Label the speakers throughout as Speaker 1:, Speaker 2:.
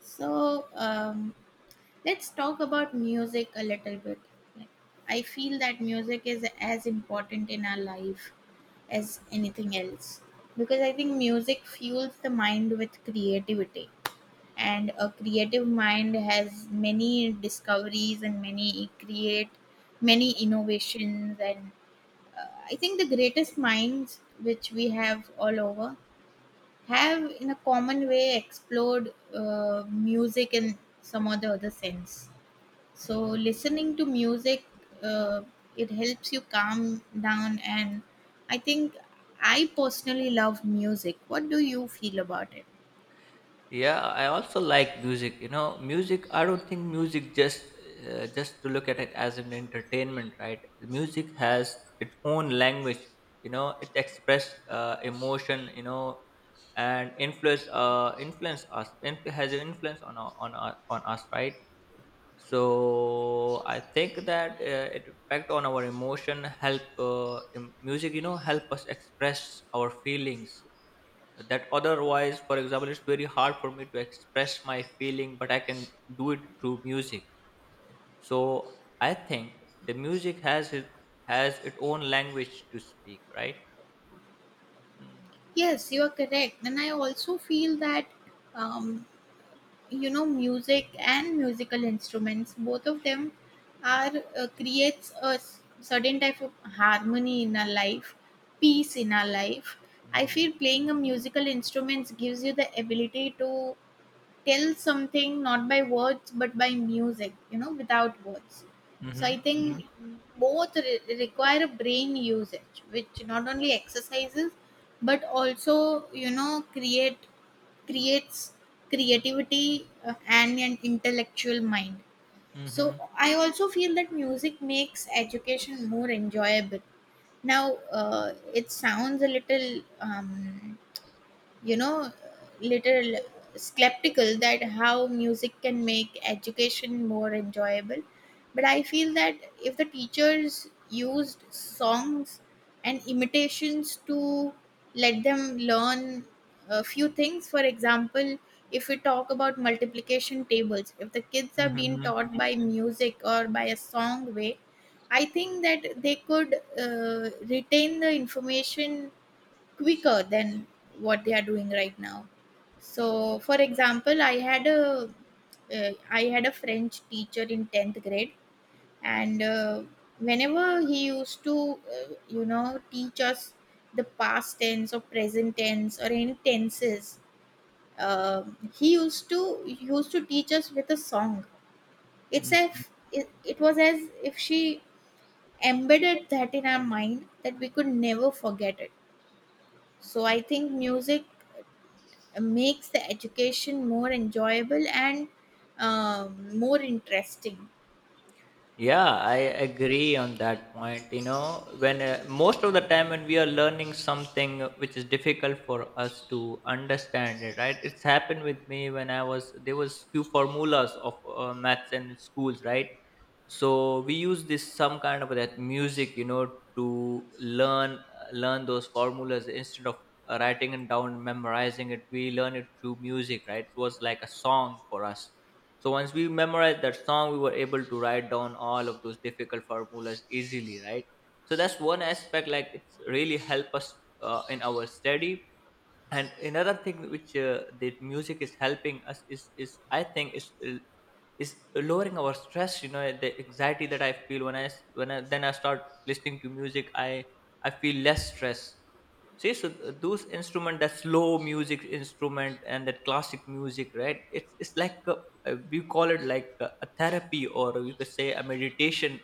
Speaker 1: So um, let's talk about music a little bit. Like, I feel that music is as important in our life as anything else, because I think music fuels the mind with creativity, and a creative mind has many discoveries and many create many innovations and I think the greatest minds which we have all over have in a common way explored music in some or the other sense. So listening to music, uh, it helps you calm down. And i think I personally love music. What do you feel about it?
Speaker 2: Yeah, I also like music. You know, music. I don't think music just to look at it as an entertainment, right? Music has its own language. You know, it expresses emotion. You know, and influence us. Has an influence on on us, right? So I think that it impact on our emotion. Help music. Help us express our feelings that otherwise, for example, it's very hard for me to express my feeling, but I can do it through music. So I think the music has its own language to speak, right? Mm-hmm.
Speaker 1: Yes, you are correct, and I also feel that, um, you know, music and musical instruments, both of them are, creates a certain type of harmony in our life, peace in our life. I feel playing a musical instruments gives you the ability to tell something not by words but by music, you know, without words. So I
Speaker 2: Mm-hmm.
Speaker 1: think both require a brain usage which not only exercises but also, you know, create creates creativity and an intellectual mind. So
Speaker 2: Mm-hmm.
Speaker 1: I also feel that music makes education more enjoyable. Now, it sounds a little, um, you know, little skeptical that how music can make education more enjoyable. But I feel that if the teachers used songs and imitations to let them learn a few things. For example, if we talk about multiplication tables, if the kids are being
Speaker 2: Mm-hmm.
Speaker 1: taught by music or by a song way, I think that they could retain the information quicker than what they are doing right now. So for example, I had a I had a French teacher in 10th grade, and whenever he used to you know, teach us the past tense or present tense or any tenses, uh, he used to he used to teach us with a song. it's
Speaker 2: Mm-hmm.
Speaker 1: as it, it was as if she embedded that in our mind that we could never forget it. So I think music makes the education more enjoyable and, more interesting.
Speaker 2: Yeah, I agree on that point. You know, when most of the time when we are learning something which is difficult for us to understand it, right? It's happened with me when I was there was few formulas of maths in schools, right? So we use this some kind of that music, you know, to learn those formulas instead of writing it down, memorizing it. We learn it through music, right? It was like a song for us. So once we memorized that song, we were able to write down all of those difficult formulas easily, right? So that's one aspect, like it's really help us in our study. And another thing which the music is helping us is I think is lowering our stress. You know, the anxiety that I feel when I s- when I, then I start listening to music, I feel less stress. See, so those instrument, that slow music instrument and that classic music, right? It's like a we call it like a therapy, or you could say a meditation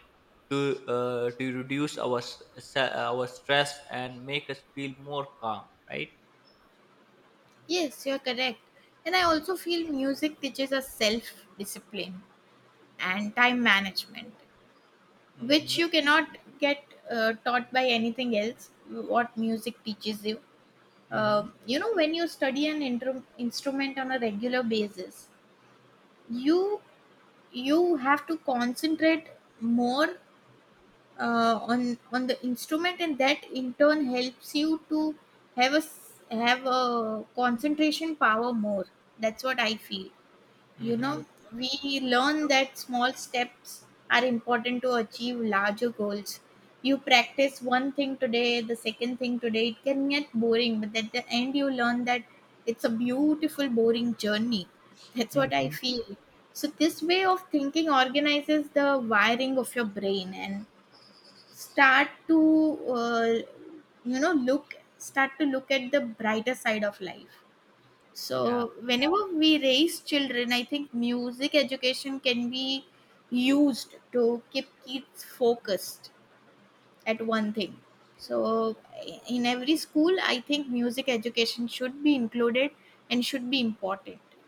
Speaker 2: to reduce our stress and make us feel more calm, right?
Speaker 1: Yes, you're correct. And I also feel music teaches us self discipline and time management, which
Speaker 2: Mm-hmm.
Speaker 1: you cannot get taught by anything else, what music teaches you.
Speaker 2: Mm-hmm.
Speaker 1: You know, when you study an instrument on a regular basis, you you have to concentrate more on the instrument, and that in turn helps you to have a have a concentration power more. That's what I feel. You know,
Speaker 2: Mm-hmm.
Speaker 1: we learn that small steps are important to achieve larger goals. You practice one thing today, the second thing today, it can get boring, but at the end you learn that it's a beautiful boring journey. That's what I
Speaker 2: Mm-hmm.
Speaker 1: feel. So this way of thinking organizes the wiring of your brain and start to, you know look start to look at the brighter side of life.
Speaker 2: yeah
Speaker 1: So whenever we raise children, I think music education can be used to keep kids focused at one thing. So in every school, I think music education should be included and should be important.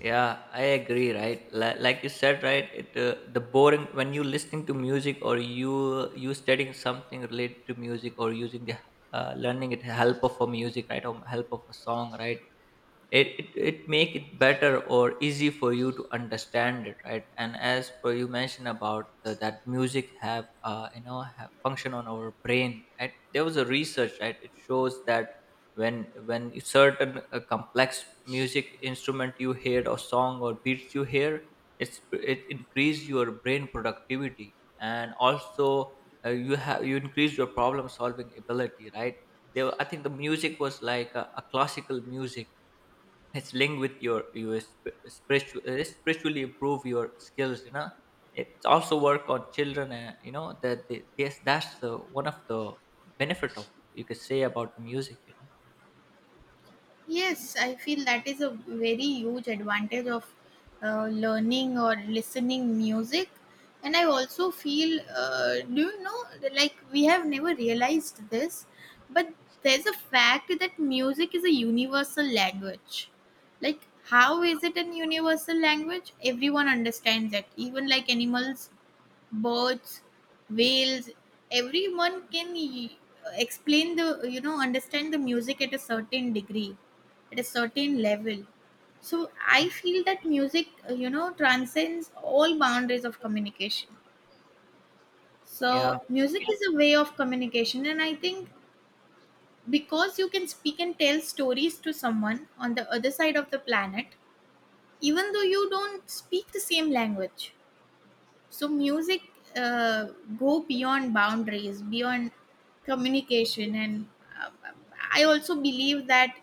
Speaker 2: yeah, I agree, right? Like you said, right? The boring, when you listening to music, or you studying something related to music, or using the learning it help of a music, right? Or help of a song, right? It make it better or easy for you to understand it, right? And as per you mentioned about the, that music have have function on our brain, right? There was a research, right? It shows that when certain complex music instrument you hear, or song or beats you hear, it increase your brain productivity and also you increase your problem solving ability, right? I think the music was like a classical music. It's linked with your spiritual spiritually improve your skills, you know. It's also work on children, and you know that's the one of the benefit of, you could say, about the music, you know.
Speaker 1: Yes, I feel that is a very huge advantage of learning or listening music. And I also feel, do you know, like we have never realized this, but there's a fact that music is a universal language. Like, how is it an universal language? Everyone understands it. Even like animals, birds, whales. Everyone can explain the, you know, understand the music at a certain degree, at a certain level. So I
Speaker 2: Mm.
Speaker 1: feel that music, you know, transcends all boundaries of communication.
Speaker 2: Yeah.
Speaker 1: So music is a way of communication, and I think because you can speak and tell stories to someone on the other side of the planet, even though you don't speak the same language. So music, uh, go beyond boundaries, beyond communication, and, uh, I also believe that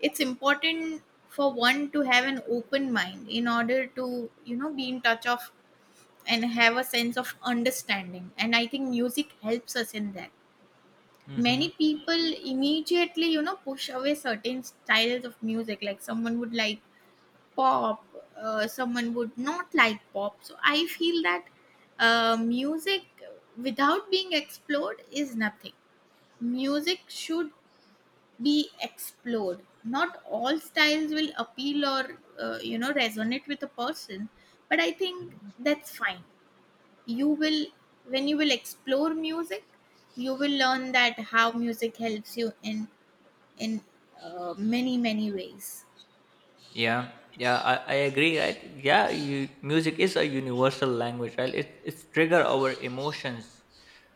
Speaker 1: it's important for one to have an open mind in order to, you know, be in touch of and have a sense of understanding. And I think music helps us in that. Many
Speaker 2: Hmm.
Speaker 1: people immediately, you know, push away certain styles of music. Like someone would like pop, someone would not like pop. So I feel that, music without being explored is nothing. Music should be explored. Not all styles will appeal or, you know, resonate with a person, but I think that's fine. You will when you will explore music, you will learn that how music helps you in, many many ways.
Speaker 2: Yeah, yeah, I agree. Right? Yeah, you, music is a universal language, right? It it's trigger our emotions.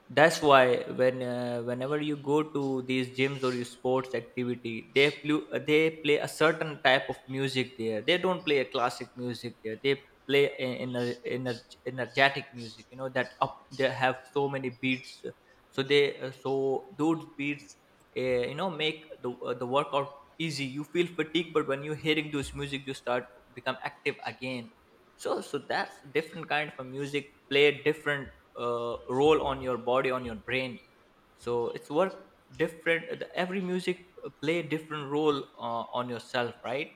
Speaker 2: That's why whenever you go to these gyms or your sports activity, they play a certain type of music there. They don't play a classic music there. They play in a, ener energetic music. You know that up they have so many beats. So they so those beats you know, make the workout easy. You feel fatigued, but when you're hearing those music, you start become active again. So that's different kind of a music play a different uh, role on your body, on your brain. So it's worth, different, every music play a different role on yourself, right?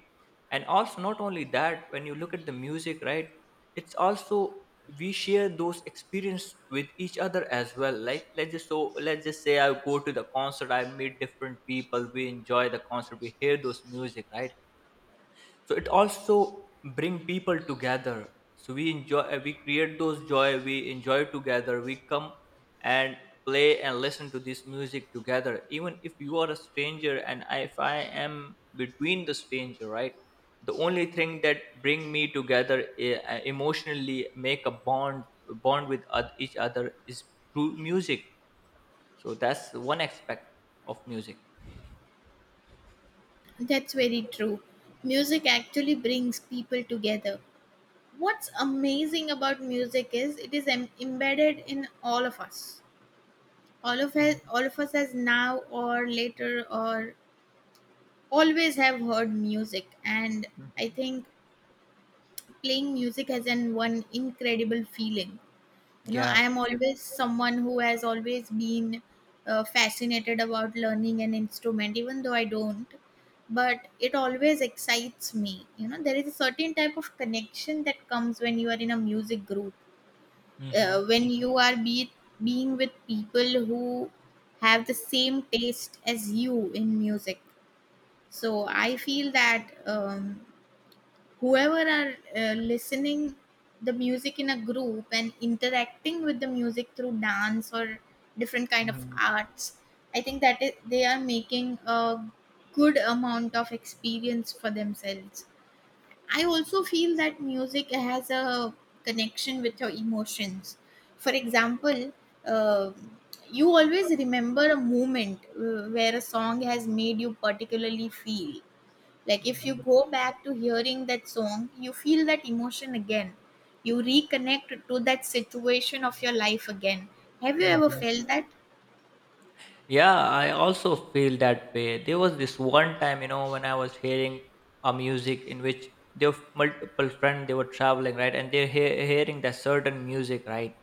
Speaker 2: And also not only that, when you look at the music, right, it's also, we share those experience with each other as well. Like let's just, let's just say I go to the concert, I meet different people, we enjoy the concert, we hear those music, right? So it also bring people together. So we enjoy, we create those joy, we enjoy together, we come and play and listen to this music together, even if you are a stranger and if I am between the stranger, right? The only thing that bring me together, emotionally make a bond with each other, is through music. So that's one aspect of music.
Speaker 1: That's very true. Music actually brings people together. What's amazing about music is it is embedded in all of us. All of us, as now or later or always have heard music, and I
Speaker 2: Mhm.
Speaker 1: think playing music has an one incredible feeling. You know, I
Speaker 2: Yeah.
Speaker 1: am always someone who has always been fascinated about learning an instrument, even though I don't, but it always excites me. You know, there is a certain type of connection that comes when you are in a music group,
Speaker 2: Hmm. Hmm.
Speaker 1: when you are being with people who have the same taste as you in music. So I feel that, whoever are listening the music in a group and interacting with the music through dance or different kind of arts, I think that is, they are making a good amount of experience for themselves. I also feel that music has a connection with your emotions. For example, uh, you always remember a moment where a song has made you particularly feel, like if you
Speaker 2: Mhm.
Speaker 1: go back to hearing that song, you feel that emotion again. You reconnect to that situation of your life again. Have you ever
Speaker 2: Mhm.
Speaker 1: felt that?
Speaker 2: Yeah, I also feel that way. There was this one time, you know, when I was hearing a music in which there were multiple friends, they were traveling, right? And hearing that certain music, right?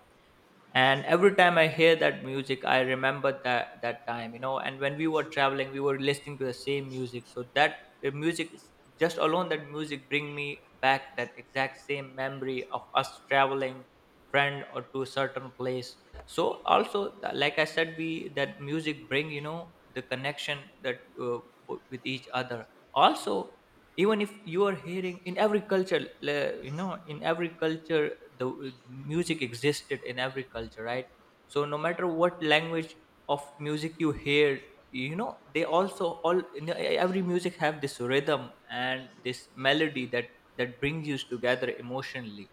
Speaker 2: And every time I hear that music, I remember that time, you know. And when we were traveling, we were listening to the same music. So that the music is- just alone, that music bring me back that exact same memory of us traveling, friend, or to a certain place. So also, like I said, we, that music bring, you know, the connection that with each other. Also, even if you are hearing, in every culture, you know, in every culture, the music existed in every culture, right? So no matter what language of music you hear, you know, they also all, you know, every music have this rhythm and this melody, that that brings you together emotionally,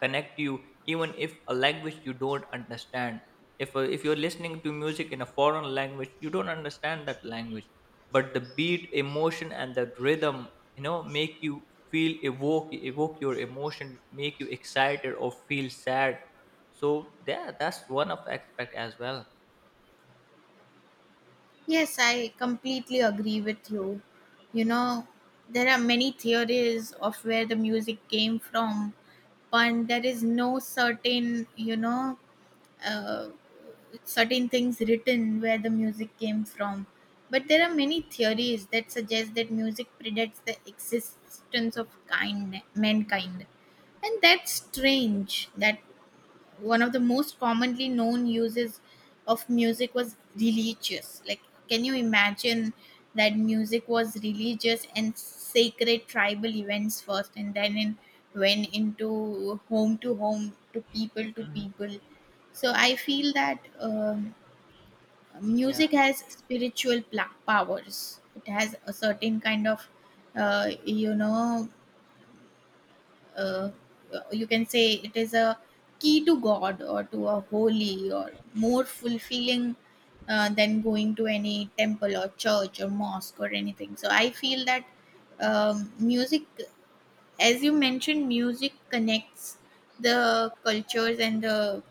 Speaker 2: connect you even if a language you don't understand. If if you're listening to music in a foreign language, you don't understand that language, but the beat, emotion and the rhythm, you know, make you feel, evoke your emotion, make you excited or feel sad. So yeah, that's one of aspect as well.
Speaker 1: Yes, I completely agree with you. You know, there are many theories of where the music came from, but there is no certain, you know, uh, certain things written where the music came from. But there are many theories that suggest that music predates the existence of kind mankind. And that's strange. That one of the most commonly known uses of music was religious. Like, can you imagine that music was religious and sacred tribal events first, and then it went into home to home, to people to
Speaker 2: Mhm.
Speaker 1: people. So I feel that,
Speaker 2: Yeah.
Speaker 1: music has spiritual powers. It has a certain kind of, uh, you know uh, you can say it is a key to God or to a holy or more fulfilling, than going to any temple or church or mosque or anything. So I feel that, music, as you mentioned, music connects the cultures and the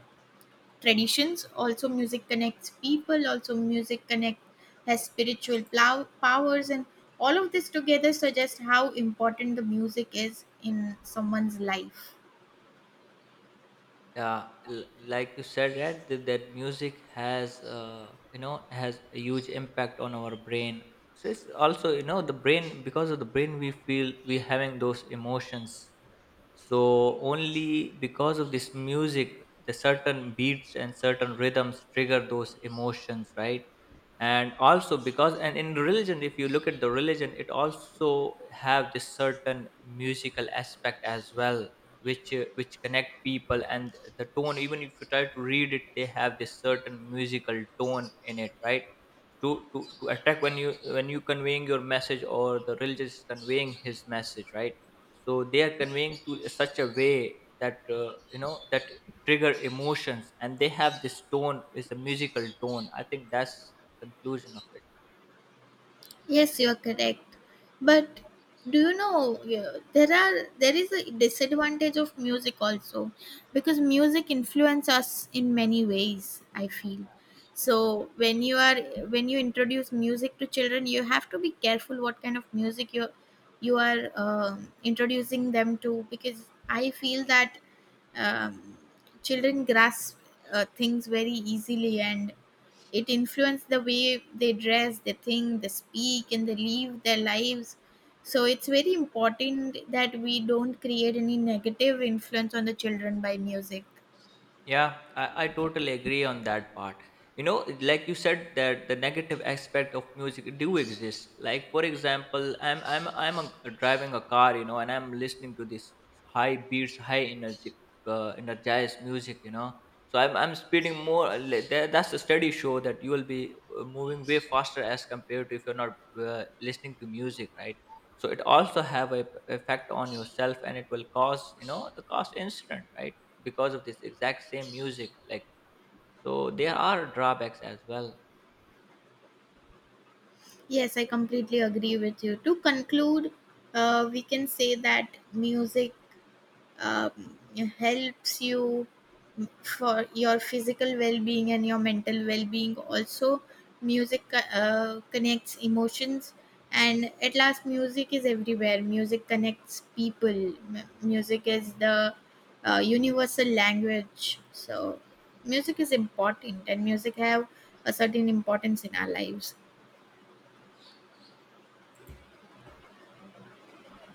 Speaker 1: traditions. Also, music connects people. Also, music connects has spiritual powers, and all of this together suggests how important the music is in someone's life.
Speaker 2: Yeah, like you said, right? That, that music has, has a huge impact on our brain. So it's also, you know, the brain, because of the brain we feel we having those emotions. So only because of this music, the certain beats and certain rhythms trigger those emotions, right? And also, because and in religion, if you look at the religion, it also have this certain musical aspect as well, which connect people and the tone, even if you try to read it, they have this certain musical tone in it, right? To attack, when you conveying your message, or the religious is conveying his message, right? So they are conveying to such a way that that trigger emotions, and they have this tone, is a musical tone. I think that's conclusion of it.
Speaker 1: Yes, you are correct. But do you know, yeah, there are there is a disadvantage of music also, because music influence us in many ways, I feel. So when you are when you introduce music to children, you have to be careful what kind of music you are introducing them to, because I feel that, um, children grasp things very easily, and it influences the way they dress, they think, they speak, and they live their lives. So it's very important that we don't create any negative influence on the children by music.
Speaker 2: Yeah, I totally agree on that part. You know, like you said, that the negative aspect of music do exist. Like for example, I'm a, driving a car, you know, and I'm listening to this high beats, high energy, energized music, you know. So I'm speeding more. That's the study show that you will be moving way faster as compared to if you're not listening to music, right? So it also have a effect on yourself, and it will cause, you know, the cause incident, right? Because of this exact same music, like, so there are drawbacks as well.
Speaker 1: Yes, I completely agree with you. To conclude, we can say that music, um, helps you for your physical well-being and your mental well-being. Also, music connects emotions, and at last music is everywhere. Music connects people. Music is the, universal language. So music is important, and music have a certain importance in our lives.